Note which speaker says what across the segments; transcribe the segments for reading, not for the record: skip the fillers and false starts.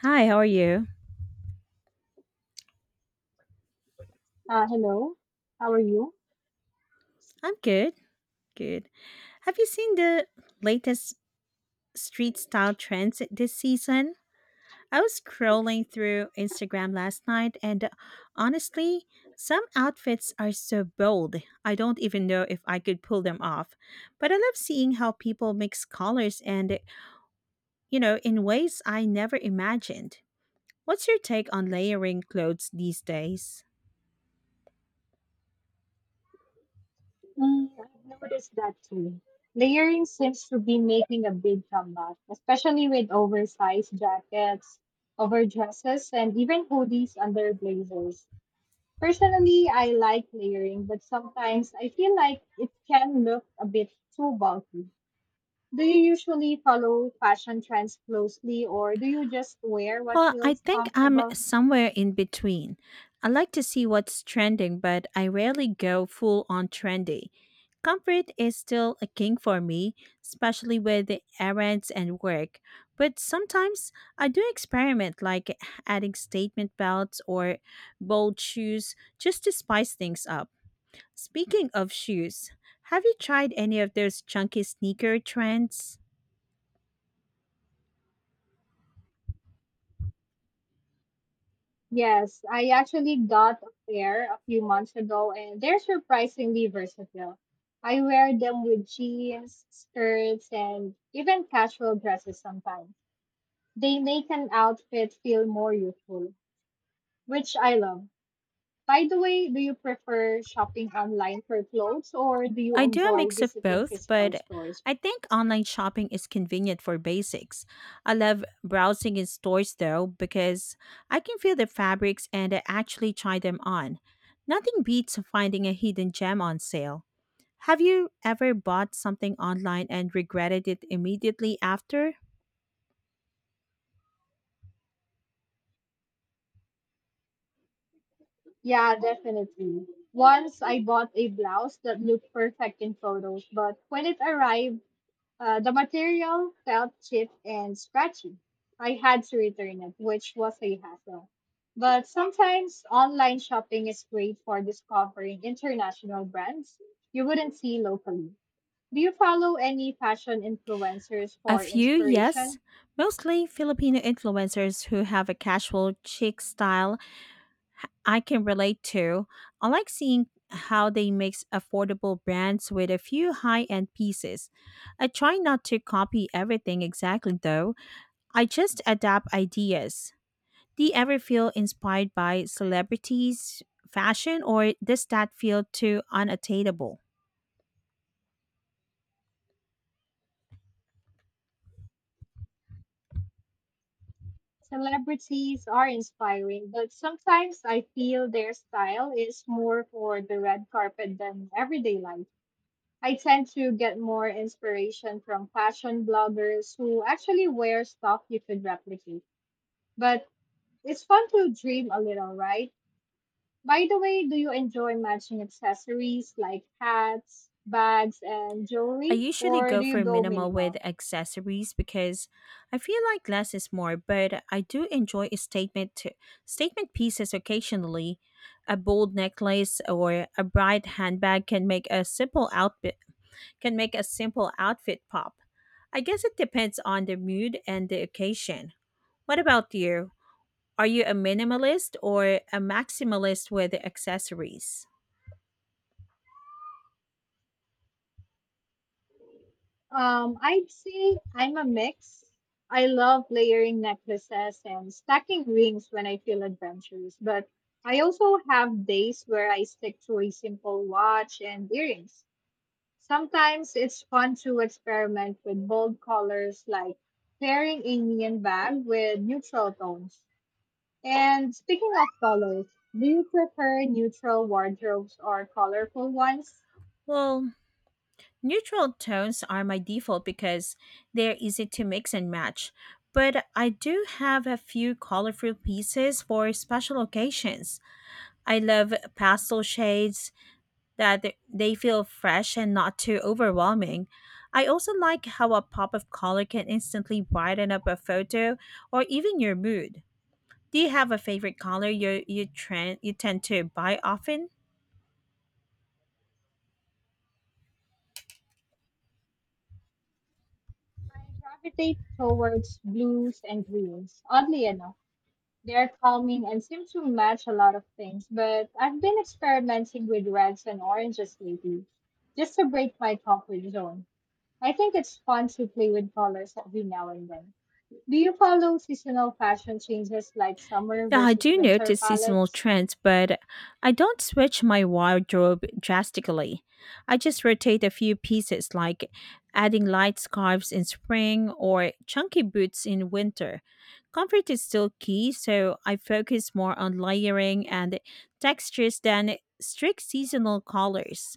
Speaker 1: Hi, how are you?
Speaker 2: Hello, how are you?
Speaker 1: I'm good. Good. Have you seen the latest street style trends this season? I was scrolling through Instagram last night and honestly, some outfits are so bold. I don't even know if I could pull them off. But I love seeing how people mix colors and, in ways I never imagined. What's your take on layering clothes these days?
Speaker 2: Mm, I've noticed that too. Layering seems to be making a big comeback, especially with oversized jackets, overdresses, and even hoodies under blazers. Personally, I like layering, but sometimes I feel like it can look a bit too bulky. Do you usually follow fashion trends closely, or do you just wear what
Speaker 1: Well, I
Speaker 2: feels
Speaker 1: think I'm
Speaker 2: comfortable?
Speaker 1: somewhere in between. I like to see what's trending, but I rarely go full on trendy. Comfort is still a king for me, especially with the errands and work. But sometimes I do experiment, like adding statement belts or bold shoes just to spice things up. Speaking of shoes, have you tried any of those chunky sneaker trends?
Speaker 2: Yes, I actually got a pair a few months ago and they're surprisingly versatile. I wear them with jeans, skirts, and even casual dresses sometimes. They make an outfit feel more youthful, which I love. By the way, do you prefer shopping online for clothes or do you
Speaker 1: I do a
Speaker 2: enjoy
Speaker 1: mix of
Speaker 2: visiting
Speaker 1: both,
Speaker 2: physical
Speaker 1: but
Speaker 2: stores?
Speaker 1: I think online shopping is convenient for basics. I love browsing in stores though because I can feel the fabrics and I actually try them on. Nothing beats finding a hidden gem on sale. Have you ever bought something online and regretted it immediately after?
Speaker 2: Yeah, definitely. Once I bought a blouse that looked perfect in photos, but when it arrived, the material felt cheap and scratchy. I had to return it, which was a hassle. But sometimes online shopping is great for discovering international brands you wouldn't see locally. Do you follow any fashion influencers
Speaker 1: A
Speaker 2: for
Speaker 1: few, yes.
Speaker 2: inspiration?
Speaker 1: Mostly Filipino influencers who have a casual chic style I can relate to. I like seeing how they mix affordable brands with a few high end pieces. I try not to copy everything exactly though, I just adapt ideas. Do you ever feel inspired by celebrities, fashion, or does that feel too unattainable?
Speaker 2: Celebrities are inspiring, but sometimes I feel their style is more for the red carpet than everyday life. I tend to get more inspiration from fashion bloggers who actually wear stuff you could replicate. But it's fun to dream a little, right? By the way, do you enjoy matching accessories like hats, bags, and
Speaker 1: I
Speaker 2: jewelry,
Speaker 1: usually
Speaker 2: or do
Speaker 1: go
Speaker 2: you
Speaker 1: for
Speaker 2: go
Speaker 1: minimal with
Speaker 2: minimal?
Speaker 1: accessories because I feel like less is more, but I do enjoy a statement pieces occasionally. A bold necklace or a bright handbag can make a simple outfit pop. I guess it depends on the mood and the occasion. What about you? Are you a minimalist or a maximalist with accessories?
Speaker 2: I'd say I'm a mix. I love layering necklaces and stacking rings when I feel adventurous, but I also have days where I stick to a simple watch and earrings. Sometimes it's fun to experiment with bold colors like pairing a neon bag with neutral tones. And speaking of colors, do you prefer neutral wardrobes or colorful ones?
Speaker 1: Well, neutral tones are my default because they're easy to mix and match. But I do have a few colorful pieces for special occasions. I love pastel shades, they feel fresh and not too overwhelming. I also like how a pop of color can instantly brighten up a photo or even your mood. Do you have a favorite color you tend to buy often?
Speaker 2: I gravitate towards blues and greens. Oddly enough, they're calming and seem to match a lot of things, but I've been experimenting with reds and oranges lately just to break my comfort zone. I think it's fun to play with colors every now and then. Do you follow seasonal fashion changes like summer
Speaker 1: Yeah, I
Speaker 2: versus
Speaker 1: do
Speaker 2: winter
Speaker 1: notice seasonal
Speaker 2: palettes?
Speaker 1: trends, but I don't switch my wardrobe drastically. I just rotate a few pieces, like adding light scarves in spring or chunky boots in winter. Comfort is still key, so I focus more on layering and textures than strict seasonal colors.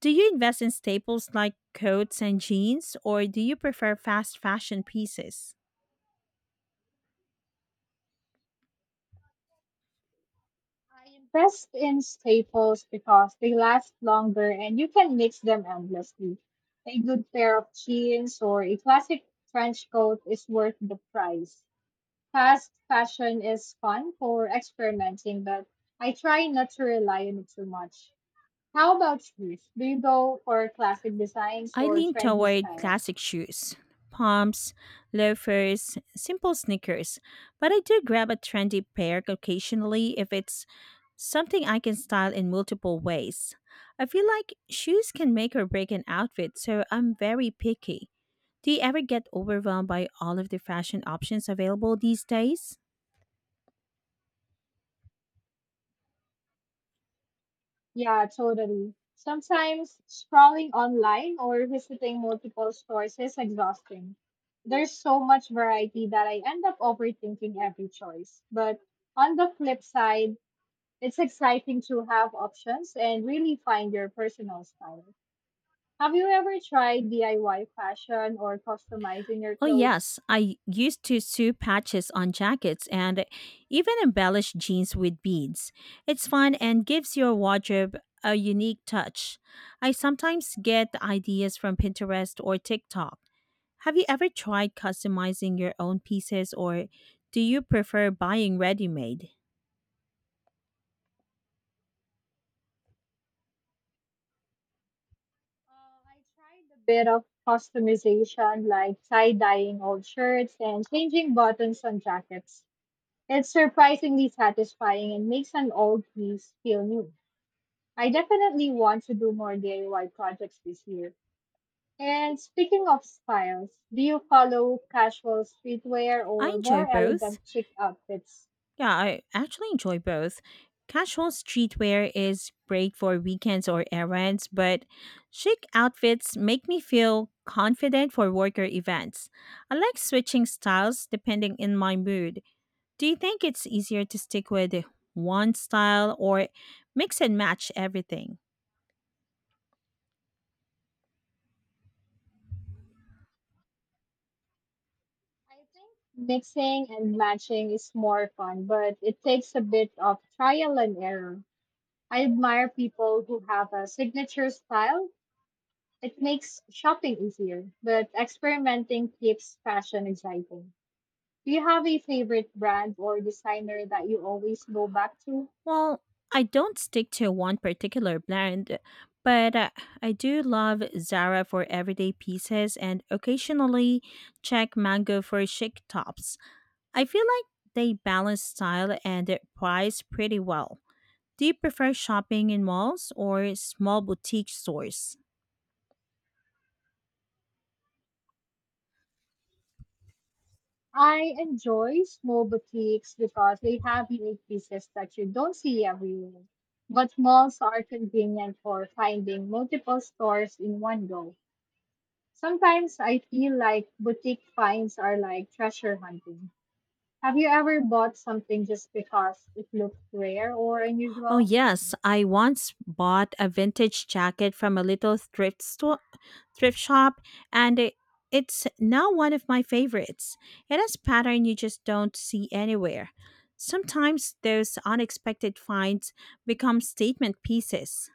Speaker 1: Do you invest in staples like coats and jeans, or do you prefer fast fashion pieces?
Speaker 2: I invest in staples because they last longer and you can mix them endlessly. A good pair of jeans or a classic trench coat is worth the price. Fast fashion is fun for experimenting, but I try not to rely on it too much. How about you? Do you go for classic designs
Speaker 1: I
Speaker 2: or
Speaker 1: lean
Speaker 2: trendy
Speaker 1: toward
Speaker 2: styles?
Speaker 1: classic shoes, pumps, loafers, simple sneakers, but I do grab a trendy pair occasionally if it's something I can style in multiple ways. I feel like shoes can make or break an outfit, so I'm very picky. Do you ever get overwhelmed by all of the fashion options available these days?
Speaker 2: Yeah, totally. Sometimes scrolling online or visiting multiple stores is exhausting. There's so much variety that I end up overthinking every choice. But on the flip side, it's exciting to have options and really find your personal style. Have you ever tried DIY fashion or customizing your
Speaker 1: Oh,
Speaker 2: clothes?
Speaker 1: yes. I used to sew patches on jackets and even embellish jeans with beads. It's fun and gives your wardrobe a unique touch. I sometimes get ideas from Pinterest or TikTok. Have you ever tried customizing your own pieces or do you prefer buying ready made?
Speaker 2: I tried a bit of customization, like tie dyeing old shirts and changing buttons on jackets. It's surprisingly satisfying and makes an old piece feel new. I definitely want to do more DIY projects this year. And speaking of styles, do you follow casual streetwear
Speaker 1: I
Speaker 2: or more
Speaker 1: enjoy both.
Speaker 2: elegant chic outfits?
Speaker 1: Yeah, I actually enjoy both. Casual streetwear is great for weekends or errands, but chic outfits make me feel confident for work or events. I like switching styles depending on my mood. Do you think it's easier to stick with one style or mix and match everything?
Speaker 2: I think mixing and matching is more fun, but it takes a bit of trial and error. I admire people who have a signature style. It makes shopping easier, but experimenting keeps fashion exciting. Do you have a favorite brand or designer that you always go back to?
Speaker 1: Well, I don't stick to one particular brand, but I do love Zara for everyday pieces and occasionally check Mango for chic tops. I feel like they balance style and price pretty well. Do you prefer shopping in malls or small boutique stores?
Speaker 2: I enjoy small boutiques because they have unique pieces that you don't see everywhere. But malls are convenient for finding multiple stores in one go. Sometimes I feel like boutique finds are like treasure hunting. Have you ever bought something just because it looked rare or
Speaker 1: Oh,
Speaker 2: unusual?
Speaker 1: yes. I once bought a vintage jacket from a little thrift shop, and it's now one of my favorites. It has pattern you just don't see anywhere. Sometimes those unexpected finds become statement pieces.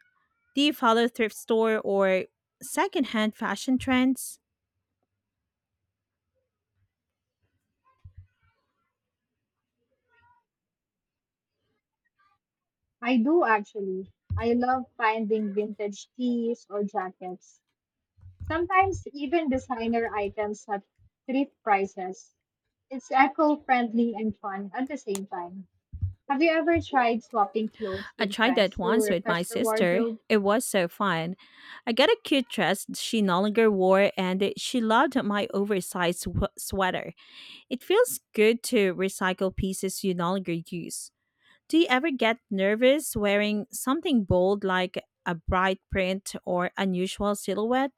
Speaker 1: Do you follow thrift store or secondhand fashion trends?
Speaker 2: I do actually. I love finding vintage teas or jackets. Sometimes even designer items have thrift prices. It's eco-friendly and fun at the same time. Have you ever tried swapping clothes
Speaker 1: I
Speaker 2: with
Speaker 1: tried
Speaker 2: friends
Speaker 1: that
Speaker 2: to
Speaker 1: once with my
Speaker 2: refresh your
Speaker 1: sister.
Speaker 2: wardrobe?
Speaker 1: It was so fun. I got a cute dress she no longer wore, and she loved my oversized sweater. It feels good to recycle pieces you no longer use. Do you ever get nervous wearing something bold like a bright print or unusual silhouette?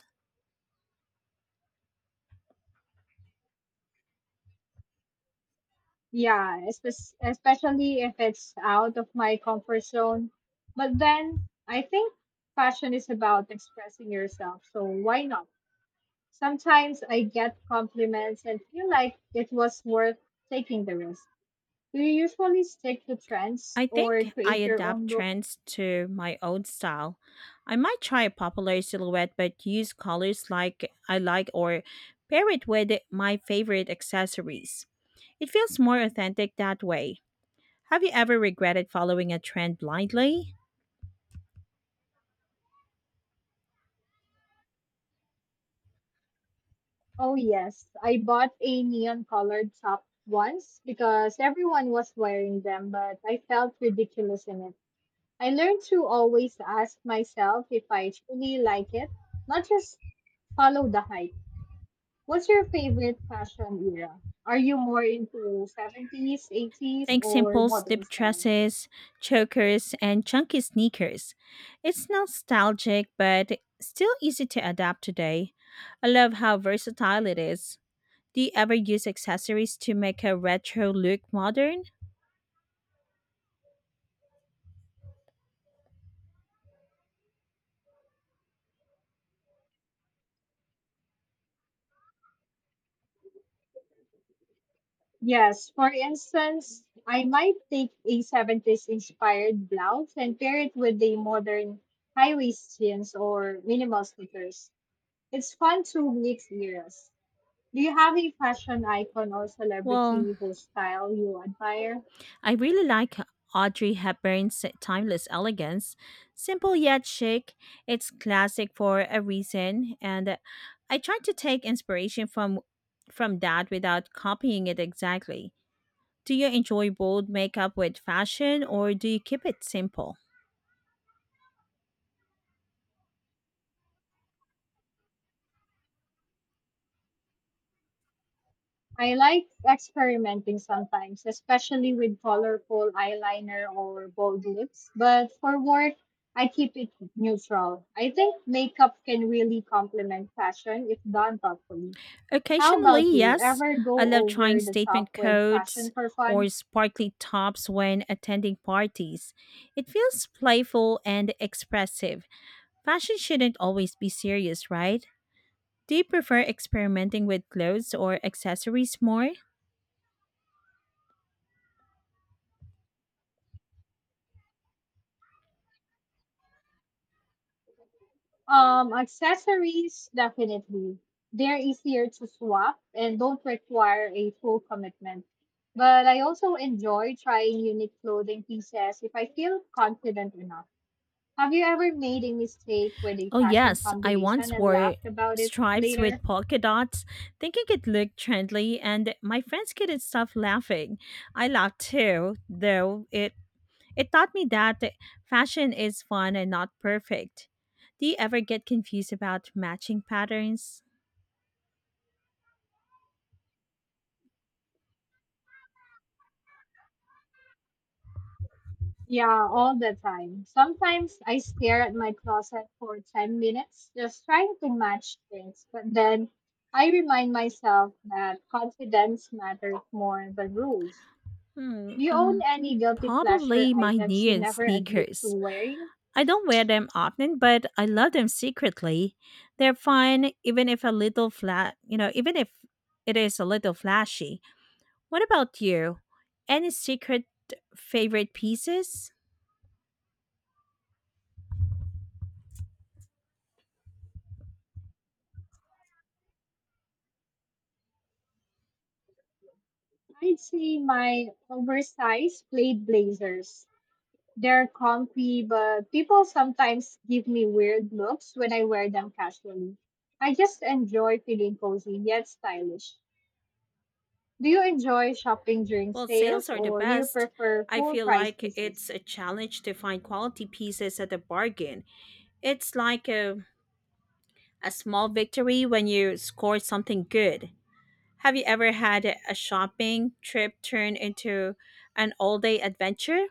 Speaker 2: Yeah, especially if it's out of my comfort zone. But then I think fashion is about expressing yourself, so why not? Sometimes I get compliments and feel like it was worth taking the risk. Do you usually stick to trends
Speaker 1: I
Speaker 2: or
Speaker 1: think I
Speaker 2: create your
Speaker 1: adapt
Speaker 2: own look?
Speaker 1: trends to my own style. I might try a popular silhouette but use colors like I like or pair it with my favorite accessories. It feels more authentic that way. Have you ever regretted following a trend blindly?
Speaker 2: Oh, yes. I bought a neon colored top once because everyone was wearing them, but I felt ridiculous in it. I learned to always ask myself if I truly like it, not just follow the hype. What's your favorite fashion era? Are you more into 70s, 80s,
Speaker 1: Think
Speaker 2: or
Speaker 1: simple
Speaker 2: modern
Speaker 1: slip
Speaker 2: styles?
Speaker 1: dresses, chokers, and chunky sneakers. It's nostalgic but still easy to adapt today. I love how versatile it is. Do you ever use accessories to make a retro look modern?
Speaker 2: Yes, for instance, I might take a 70s inspired blouse and pair it with the modern high waist jeans or minimal sneakers. It's fun to mix eras. Do you have a fashion icon or
Speaker 1: Well,
Speaker 2: celebrity whose style you admire?
Speaker 1: I really like Audrey Hepburn's timeless elegance. Simple yet chic, it's classic for a reason, and I try to take inspiration from that without copying it exactly. Do you enjoy bold makeup with fashion or do you keep it simple?
Speaker 2: I like experimenting sometimes, especially with colorful eyeliner or bold lips, but for work, I keep it neutral. I think makeup can really complement fashion if done properly. How
Speaker 1: Occasionally,
Speaker 2: about you?
Speaker 1: yes.
Speaker 2: Ever
Speaker 1: I
Speaker 2: go
Speaker 1: love trying
Speaker 2: over the
Speaker 1: statement
Speaker 2: top with fashion
Speaker 1: coats
Speaker 2: for
Speaker 1: or
Speaker 2: fun?
Speaker 1: sparkly tops when attending parties. It feels playful and expressive. Fashion shouldn't always be serious, right? Do you prefer experimenting with clothes or accessories more?
Speaker 2: Accessories, definitely. They're easier to swap and don't require a full commitment. But I also enjoy trying unique clothing pieces if I feel confident enough. Have you ever made a mistake with a
Speaker 1: Oh,
Speaker 2: fashion
Speaker 1: yes. I
Speaker 2: combination
Speaker 1: once
Speaker 2: and
Speaker 1: wore
Speaker 2: laughed about it
Speaker 1: stripes
Speaker 2: later?
Speaker 1: with polka dots, thinking it looked trendy, and my friends couldn't stop laughing. I laughed too, though it taught me that fashion is fun and not perfect. Do you ever get confused about matching patterns?
Speaker 2: Yeah, all the time. Sometimes I stare at my closet for 10 minutes just trying to match things, but then I remind myself that confidence matters more than rules.
Speaker 1: Hmm,
Speaker 2: Do you own
Speaker 1: um,
Speaker 2: any guilty pleasure
Speaker 1: probably my
Speaker 2: items you
Speaker 1: neon
Speaker 2: never admit to
Speaker 1: sneakers.
Speaker 2: wearing?
Speaker 1: I don't wear them often, but I love them secretly. They're fun, even if a little flat, even if it is a little flashy. What about you? Any secret favorite pieces?
Speaker 2: I'd say my oversized plaid blazers. They're comfy, but people sometimes give me weird looks when I wear them casually. I just enjoy feeling cozy yet stylish. Do you enjoy shopping during
Speaker 1: Well, sales
Speaker 2: sales
Speaker 1: are the
Speaker 2: or do you
Speaker 1: best.
Speaker 2: prefer
Speaker 1: I
Speaker 2: full
Speaker 1: feel
Speaker 2: price
Speaker 1: like
Speaker 2: pieces?
Speaker 1: it's a challenge to find quality pieces at a bargain. It's like a small victory when you score something good. Have you ever had a shopping trip turn into an all day adventure?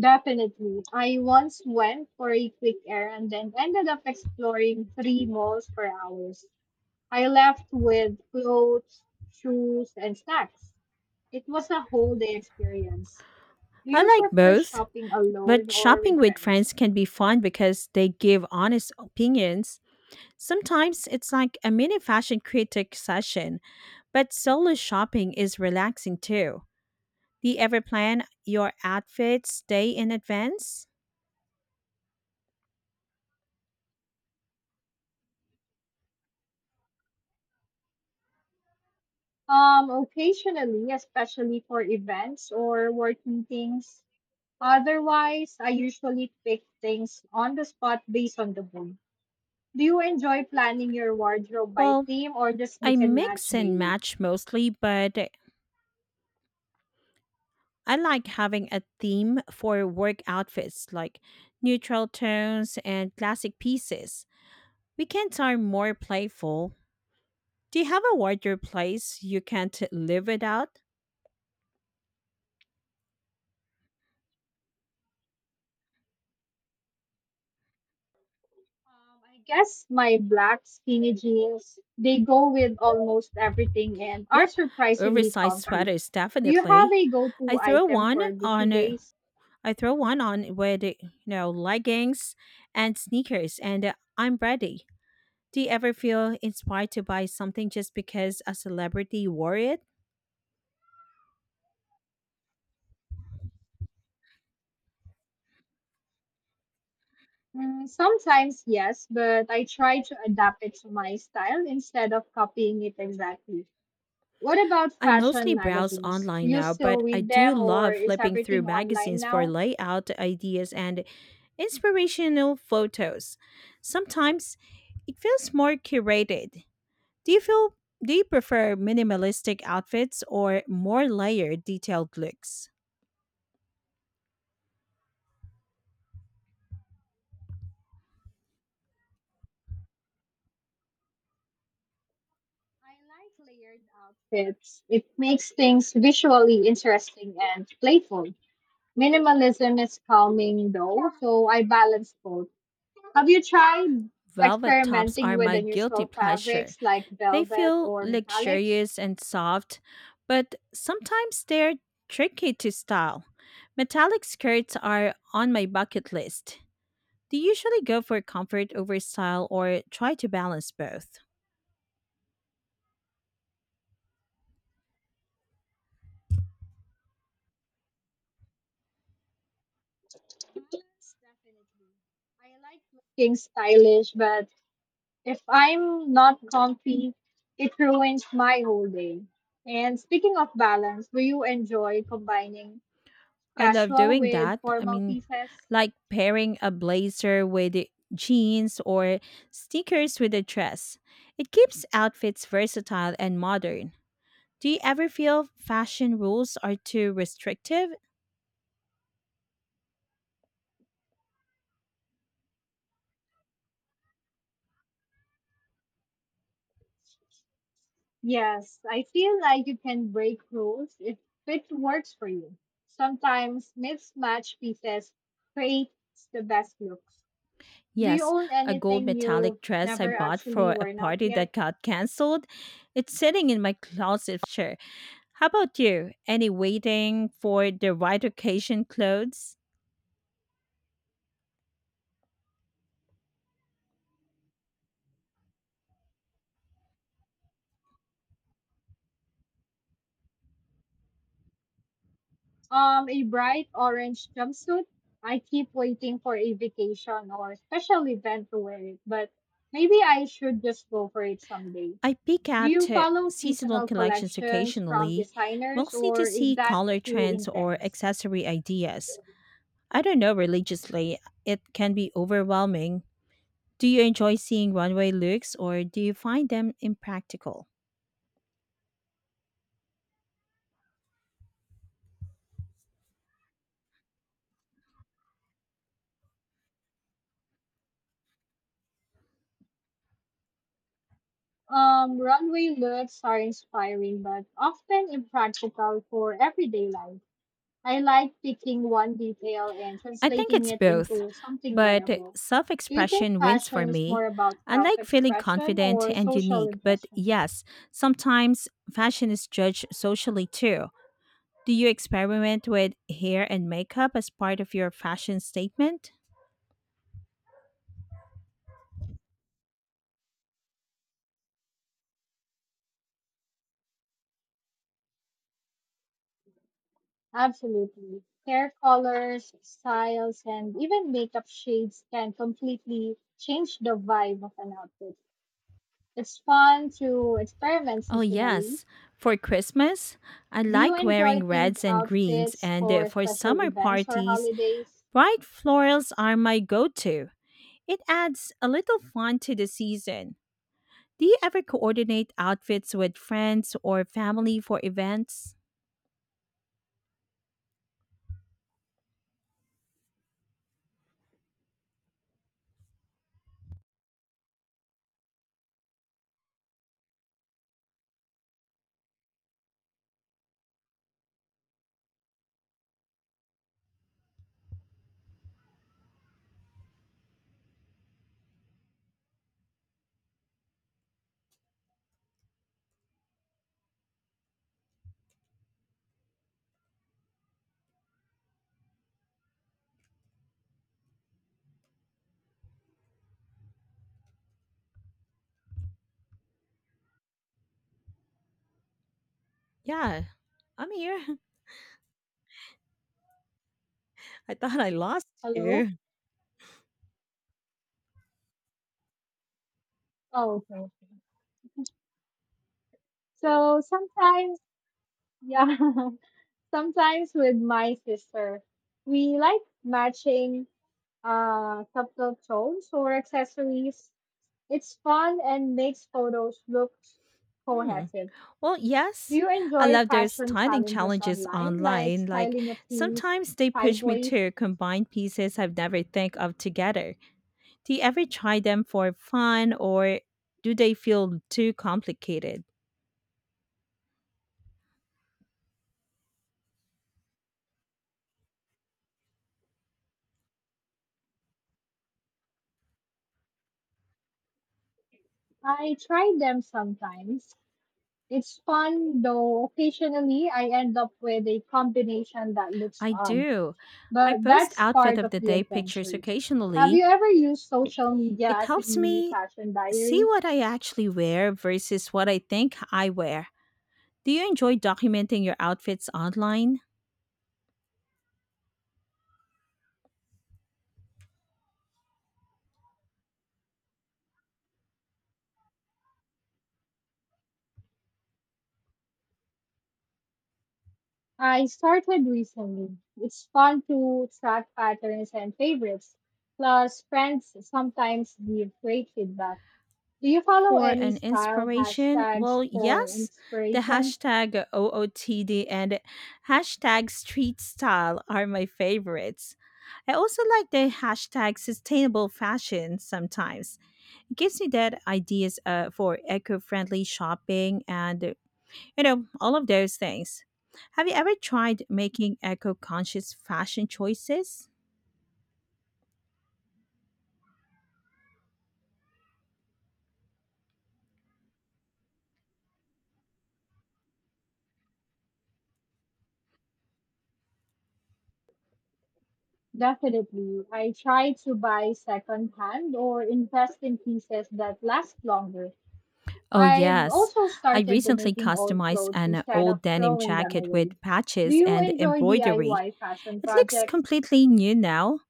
Speaker 2: Definitely. I once went for a quick errand and ended up exploring three malls for hours. I left with clothes, shoes, and snacks. It was a whole day experience. Do
Speaker 1: I
Speaker 2: you
Speaker 1: like
Speaker 2: prefer
Speaker 1: both,
Speaker 2: shopping
Speaker 1: but
Speaker 2: alone or
Speaker 1: shopping
Speaker 2: with
Speaker 1: with
Speaker 2: friends?
Speaker 1: friends can be fun because they give honest opinions. Sometimes it's like a mini fashion critic session, but solo shopping is relaxing too. Do you ever plan your outfits day in advance?
Speaker 2: Occasionally, especially for events or work meetings. Otherwise, I usually pick things on the spot based on the mood. Do you enjoy planning your wardrobe by
Speaker 1: Well,
Speaker 2: theme or just
Speaker 1: I
Speaker 2: mix and match
Speaker 1: mix and
Speaker 2: daily?
Speaker 1: match mostly, but I like having a theme for work outfits like neutral tones and classic pieces. Weekends are more playful. Do you have a wardrobe place you can't live without?
Speaker 2: I guess my black skinny jeans, they go with almost everything and are
Speaker 1: Yep,
Speaker 2: surprisingly
Speaker 1: oversized
Speaker 2: comfy.
Speaker 1: sweaters
Speaker 2: Do you have
Speaker 1: definitely.
Speaker 2: a
Speaker 1: I
Speaker 2: go-to
Speaker 1: throw
Speaker 2: item
Speaker 1: one
Speaker 2: for busy
Speaker 1: on uh,
Speaker 2: days?
Speaker 1: I throw one on with leggings and sneakers and I'm ready. Do you ever feel inspired to buy something just because a celebrity wore it?
Speaker 2: Mm, sometimes yes, but I try to adapt it to my style instead of copying it exactly. What about
Speaker 1: I mostly
Speaker 2: fashion
Speaker 1: browse
Speaker 2: magazines? Do
Speaker 1: online
Speaker 2: you
Speaker 1: now,
Speaker 2: still
Speaker 1: but I
Speaker 2: read
Speaker 1: do
Speaker 2: them or
Speaker 1: love
Speaker 2: is
Speaker 1: flipping through
Speaker 2: everything online
Speaker 1: magazines for
Speaker 2: now?
Speaker 1: layout ideas and inspirational photos. Sometimes it feels more curated. Do you feel do you prefer minimalistic outfits or more layered detailed looks?
Speaker 2: I like layered outfits. It makes things visually interesting and playful. Minimalism is calming though, so I balance both. Have you tried
Speaker 1: Velvet tops
Speaker 2: experimenting
Speaker 1: are
Speaker 2: with
Speaker 1: my guilty
Speaker 2: unusual
Speaker 1: pleasure.
Speaker 2: fabrics like
Speaker 1: They
Speaker 2: velvet
Speaker 1: feel
Speaker 2: or metallics?
Speaker 1: luxurious and soft, but sometimes they're tricky to style. Metallic skirts are on my bucket list. Do you usually go for comfort over style or try to balance both?
Speaker 2: Yes, definitely. I like looking stylish, but if I'm not comfy, it ruins my whole day. And speaking of balance, do you enjoy combining
Speaker 1: I love
Speaker 2: casual
Speaker 1: doing
Speaker 2: with
Speaker 1: that. I
Speaker 2: formal
Speaker 1: mean,
Speaker 2: pieces?
Speaker 1: like pairing a blazer with jeans or sneakers with a dress. It keeps outfits versatile and modern. Do you ever feel fashion rules are too restrictive?
Speaker 2: Yes, I feel like you can break rules if it works for you. Sometimes mismatched pieces creates the best looks. Do you
Speaker 1: Yes,
Speaker 2: own
Speaker 1: a gold
Speaker 2: anything
Speaker 1: metallic
Speaker 2: you've
Speaker 1: dress I
Speaker 2: never
Speaker 1: bought
Speaker 2: actually
Speaker 1: for a
Speaker 2: worn out
Speaker 1: party that
Speaker 2: yet?
Speaker 1: got canceled. It's sitting in my closet sure. How about you? Any waiting for the right occasion clothes?
Speaker 2: A bright orange jumpsuit. I keep waiting for a vacation or special event to wear it, but maybe I should just go for it someday.
Speaker 1: I peek
Speaker 2: Do
Speaker 1: at
Speaker 2: you follow
Speaker 1: seasonal
Speaker 2: seasonal
Speaker 1: collections
Speaker 2: collections from
Speaker 1: occasionally,
Speaker 2: designers
Speaker 1: mostly
Speaker 2: or
Speaker 1: to
Speaker 2: is
Speaker 1: see
Speaker 2: that
Speaker 1: color
Speaker 2: too
Speaker 1: trends or
Speaker 2: intense?
Speaker 1: accessory ideas. I don't know religiously, it can be overwhelming. Do you enjoy seeing runway looks or do you find them impractical?
Speaker 2: Runway looks are inspiring but often impractical for everyday life. I like picking one detail and
Speaker 1: I think
Speaker 2: translating
Speaker 1: it's
Speaker 2: it
Speaker 1: both,
Speaker 2: into something
Speaker 1: but
Speaker 2: wearable.
Speaker 1: self
Speaker 2: Do you think
Speaker 1: expression wins for
Speaker 2: fashion is
Speaker 1: me.
Speaker 2: more about
Speaker 1: I
Speaker 2: self
Speaker 1: like feeling
Speaker 2: expression
Speaker 1: confident
Speaker 2: or
Speaker 1: and
Speaker 2: social
Speaker 1: unique, but
Speaker 2: impression?
Speaker 1: yes, sometimes fashion is judged socially too. Do you experiment with hair and makeup as part of your fashion statement?
Speaker 2: Absolutely. Hair colors, styles, and even makeup shades can completely change the vibe of an outfit. It's fun to experiment
Speaker 1: Oh,
Speaker 2: seasonally.
Speaker 1: yes. For Christmas, I
Speaker 2: Do you
Speaker 1: like
Speaker 2: enjoy
Speaker 1: wearing
Speaker 2: themed
Speaker 1: reds and greens,
Speaker 2: outfits
Speaker 1: and
Speaker 2: for
Speaker 1: for
Speaker 2: special
Speaker 1: summer
Speaker 2: events or
Speaker 1: parties,
Speaker 2: holidays?
Speaker 1: bright florals are my go to. It adds a little fun to the season. Do you ever coordinate outfits with friends or family for events? Yeah, I'm here. I thought I lost
Speaker 2: Hello?
Speaker 1: you.
Speaker 2: Oh, okay. Okay. So sometimes, yeah. Sometimes with my sister, we like matching subtle tones or accessories. It's fun and makes photos look
Speaker 1: Hmm.
Speaker 2: cohesive.
Speaker 1: Well,
Speaker 2: Do
Speaker 1: yes,
Speaker 2: you
Speaker 1: I
Speaker 2: enjoy
Speaker 1: love those
Speaker 2: fashion
Speaker 1: styling
Speaker 2: challenges
Speaker 1: challenges
Speaker 2: online, like
Speaker 1: online. Like
Speaker 2: styling a piece
Speaker 1: sometimes they push me
Speaker 2: sideways?
Speaker 1: to combine pieces I've never think of together. Do you ever try them for fun or do they feel too complicated?
Speaker 2: I try them sometimes. It's fun, though occasionally I end up with a combination that looks
Speaker 1: I
Speaker 2: odd.
Speaker 1: do. I
Speaker 2: But
Speaker 1: post
Speaker 2: that's
Speaker 1: outfit
Speaker 2: part
Speaker 1: of
Speaker 2: of
Speaker 1: the
Speaker 2: the
Speaker 1: day pictures
Speaker 2: adventure. Have
Speaker 1: occasionally.
Speaker 2: you ever used social media
Speaker 1: It
Speaker 2: as a
Speaker 1: helps
Speaker 2: mini
Speaker 1: me
Speaker 2: fashion
Speaker 1: see
Speaker 2: diary?
Speaker 1: what I actually wear versus what I think I wear. Do you enjoy documenting your outfits online
Speaker 2: I started recently. It's fun to track patterns and favorites. Plus, friends sometimes give great feedback. Do you follow
Speaker 1: for
Speaker 2: any
Speaker 1: an
Speaker 2: style
Speaker 1: inspiration? Well,
Speaker 2: hashtags for
Speaker 1: yes. The
Speaker 2: inspiration?
Speaker 1: hashtag OOTD and hashtag street style are my favorites. I also like the hashtag sustainable fashion sometimes. It gives me that ideas for eco friendly shopping and you know, all of those things. Have you ever tried making eco conscious fashion choices?
Speaker 2: Definitely. I try to buy secondhand or invest in pieces that last longer.
Speaker 1: Oh,
Speaker 2: I've
Speaker 1: yes.
Speaker 2: also
Speaker 1: I
Speaker 2: started
Speaker 1: recently
Speaker 2: donating old
Speaker 1: customized
Speaker 2: clothes
Speaker 1: an
Speaker 2: instead of
Speaker 1: old denim
Speaker 2: throwing them
Speaker 1: jacket with
Speaker 2: away. Do
Speaker 1: patches
Speaker 2: you
Speaker 1: and
Speaker 2: enjoy
Speaker 1: embroidery.
Speaker 2: DIY fashion
Speaker 1: It looks
Speaker 2: projects?
Speaker 1: completely new now.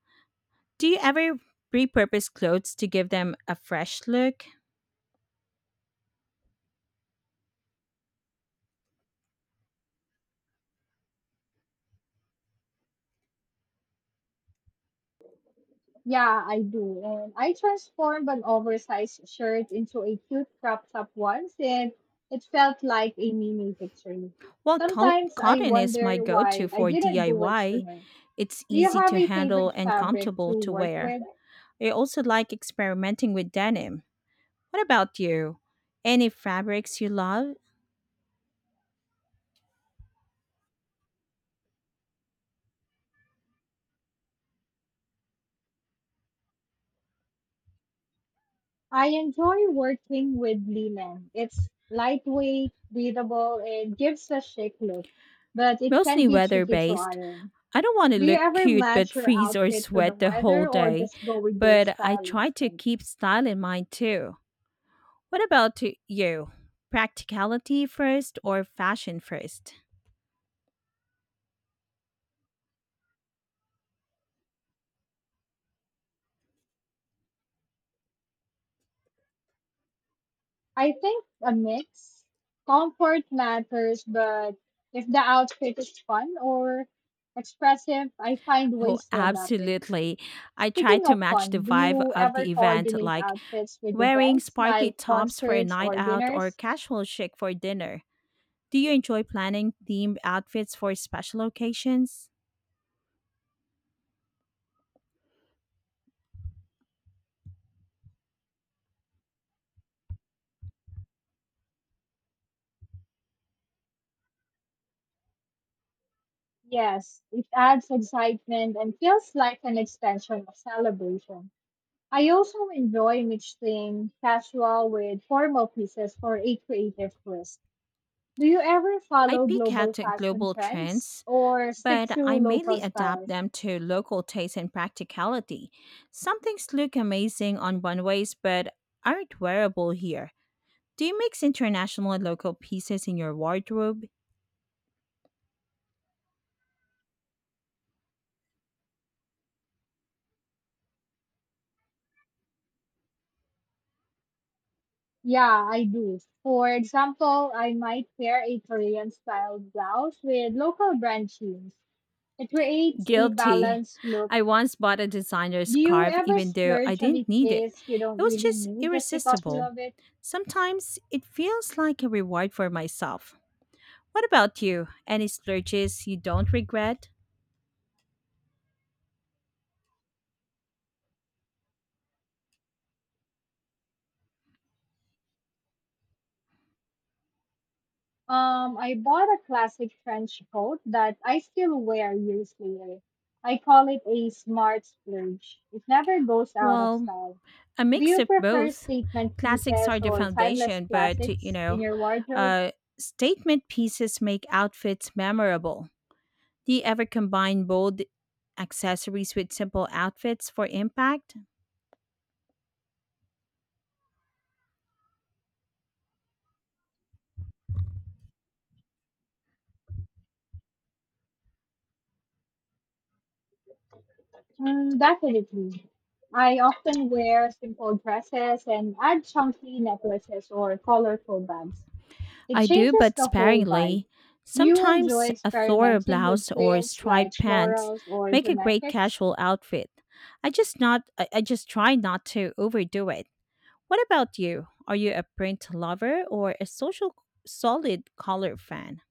Speaker 1: Do you ever repurpose clothes to give them a fresh look?
Speaker 2: Yeah, I do. And I transformed an oversized shirt into a cute crop top once, and it felt like a mini victory.
Speaker 1: Well,
Speaker 2: Sometimes I
Speaker 1: cotton is my
Speaker 2: wonder
Speaker 1: go to
Speaker 2: why I
Speaker 1: for
Speaker 2: didn't do it
Speaker 1: DIY.
Speaker 2: sooner.
Speaker 1: It's
Speaker 2: Do you
Speaker 1: easy
Speaker 2: have
Speaker 1: to
Speaker 2: a
Speaker 1: handle
Speaker 2: favorite
Speaker 1: and
Speaker 2: fabric
Speaker 1: comfortable
Speaker 2: to
Speaker 1: to
Speaker 2: work
Speaker 1: wear.
Speaker 2: with?
Speaker 1: I also like experimenting with denim. What about you? Any fabrics you love?
Speaker 2: I enjoy working with linen. It's lightweight, breathable, and gives a chic look, but it can
Speaker 1: Mostly
Speaker 2: be
Speaker 1: weather
Speaker 2: tricky to
Speaker 1: based.
Speaker 2: iron.
Speaker 1: I don't want to
Speaker 2: Do you
Speaker 1: look
Speaker 2: ever
Speaker 1: cute but
Speaker 2: match your
Speaker 1: freeze or
Speaker 2: outfit to the
Speaker 1: sweat the whole
Speaker 2: weather or
Speaker 1: day,
Speaker 2: just go with your
Speaker 1: but I
Speaker 2: style
Speaker 1: try to
Speaker 2: instinct?
Speaker 1: keep style in mind too. What about to you? Practicality first or fashion first?
Speaker 2: I think a mix. Comfort matters, but if the outfit is fun or expressive, I find
Speaker 1: Oh,
Speaker 2: ways to adapt it.
Speaker 1: absolutely. I try
Speaker 2: Speaking
Speaker 1: to
Speaker 2: of
Speaker 1: match the
Speaker 2: fun, do
Speaker 1: vibe
Speaker 2: you
Speaker 1: of
Speaker 2: ever
Speaker 1: the event,
Speaker 2: coordinate
Speaker 1: like
Speaker 2: outfits with
Speaker 1: wearing
Speaker 2: events
Speaker 1: sparkly
Speaker 2: like
Speaker 1: tops for a
Speaker 2: concerts
Speaker 1: night
Speaker 2: or
Speaker 1: out or
Speaker 2: dinners?
Speaker 1: casual chic for dinner. Do you enjoy planning themed outfits for special occasions?
Speaker 2: Yes, it adds excitement and feels like an extension of celebration. I also enjoy mixing casual with formal pieces for a creative twist. Do you ever
Speaker 1: I
Speaker 2: follow
Speaker 1: pick
Speaker 2: global
Speaker 1: out
Speaker 2: fashion
Speaker 1: global
Speaker 2: trends
Speaker 1: trends,
Speaker 2: or stick
Speaker 1: but
Speaker 2: to
Speaker 1: I mainly
Speaker 2: local
Speaker 1: adapt
Speaker 2: styles?
Speaker 1: them to local taste and practicality. Some things look amazing on runways but aren't wearable here. Do you mix international and local pieces in your wardrobe?
Speaker 2: Yeah, I do. For example, I might pair a Korean style blouse with local brand jeans. It creates a
Speaker 1: Guilty.
Speaker 2: balanced look.
Speaker 1: I once bought a designer
Speaker 2: Do you
Speaker 1: scarf
Speaker 2: ever
Speaker 1: even though I
Speaker 2: splurge on a
Speaker 1: didn't need it.
Speaker 2: piece you
Speaker 1: It
Speaker 2: don't
Speaker 1: was
Speaker 2: really
Speaker 1: just
Speaker 2: need just because you
Speaker 1: irresistible.
Speaker 2: love it?
Speaker 1: Sometimes it feels like a reward for myself. What about you? Any splurges you don't regret?
Speaker 2: I bought a classic trench coat that I still wear years later. I call it a smart splurge. It never goes out of
Speaker 1: Well,
Speaker 2: style.
Speaker 1: a
Speaker 2: Do
Speaker 1: mix
Speaker 2: you
Speaker 1: of
Speaker 2: prefer
Speaker 1: both.
Speaker 2: statement
Speaker 1: Classics are
Speaker 2: pieces
Speaker 1: the
Speaker 2: or timeless
Speaker 1: foundation, but
Speaker 2: classics in your wardrobe?
Speaker 1: uh, statement pieces make outfits memorable. Do you ever combine bold accessories with simple outfits for impact?
Speaker 2: Mm, definitely. I often wear simple dresses and add chunky necklaces or colorful bags. It
Speaker 1: I do,
Speaker 2: changes
Speaker 1: but
Speaker 2: the whole
Speaker 1: sparingly.
Speaker 2: vibe. Do you enjoy
Speaker 1: Sometimes a floral
Speaker 2: experimenting
Speaker 1: blouse
Speaker 2: with
Speaker 1: or
Speaker 2: prints like
Speaker 1: striped pants
Speaker 2: florals or
Speaker 1: make a great
Speaker 2: geometrics?
Speaker 1: casual outfit. I just try not to overdo it. What about you? Are you a print lover or a social solid color fan?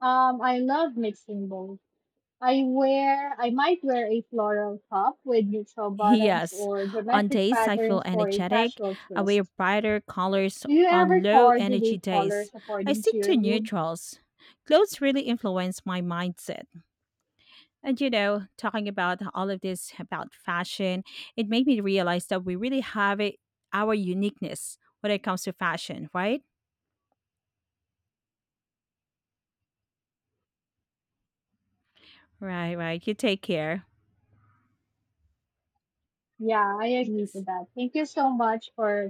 Speaker 2: I love mixing both. I might wear a floral top with neutral bottoms
Speaker 1: Yes.
Speaker 2: or
Speaker 1: On
Speaker 2: geometric
Speaker 1: days I feel
Speaker 2: patterns for a
Speaker 1: energetic,
Speaker 2: casual
Speaker 1: I wear
Speaker 2: twist.
Speaker 1: brighter colors
Speaker 2: Do you
Speaker 1: on
Speaker 2: ever
Speaker 1: low energy
Speaker 2: coordinate
Speaker 1: days.
Speaker 2: colors
Speaker 1: I
Speaker 2: according to
Speaker 1: stick
Speaker 2: your
Speaker 1: to
Speaker 2: mood?
Speaker 1: neutrals. Clothes really influence my mindset. And you know, talking about all of this about fashion, it made me realize that we really have it, our uniqueness when it comes to fashion, right? Right, right. You take care.
Speaker 2: Yeah, I agree to that. Thank you so much for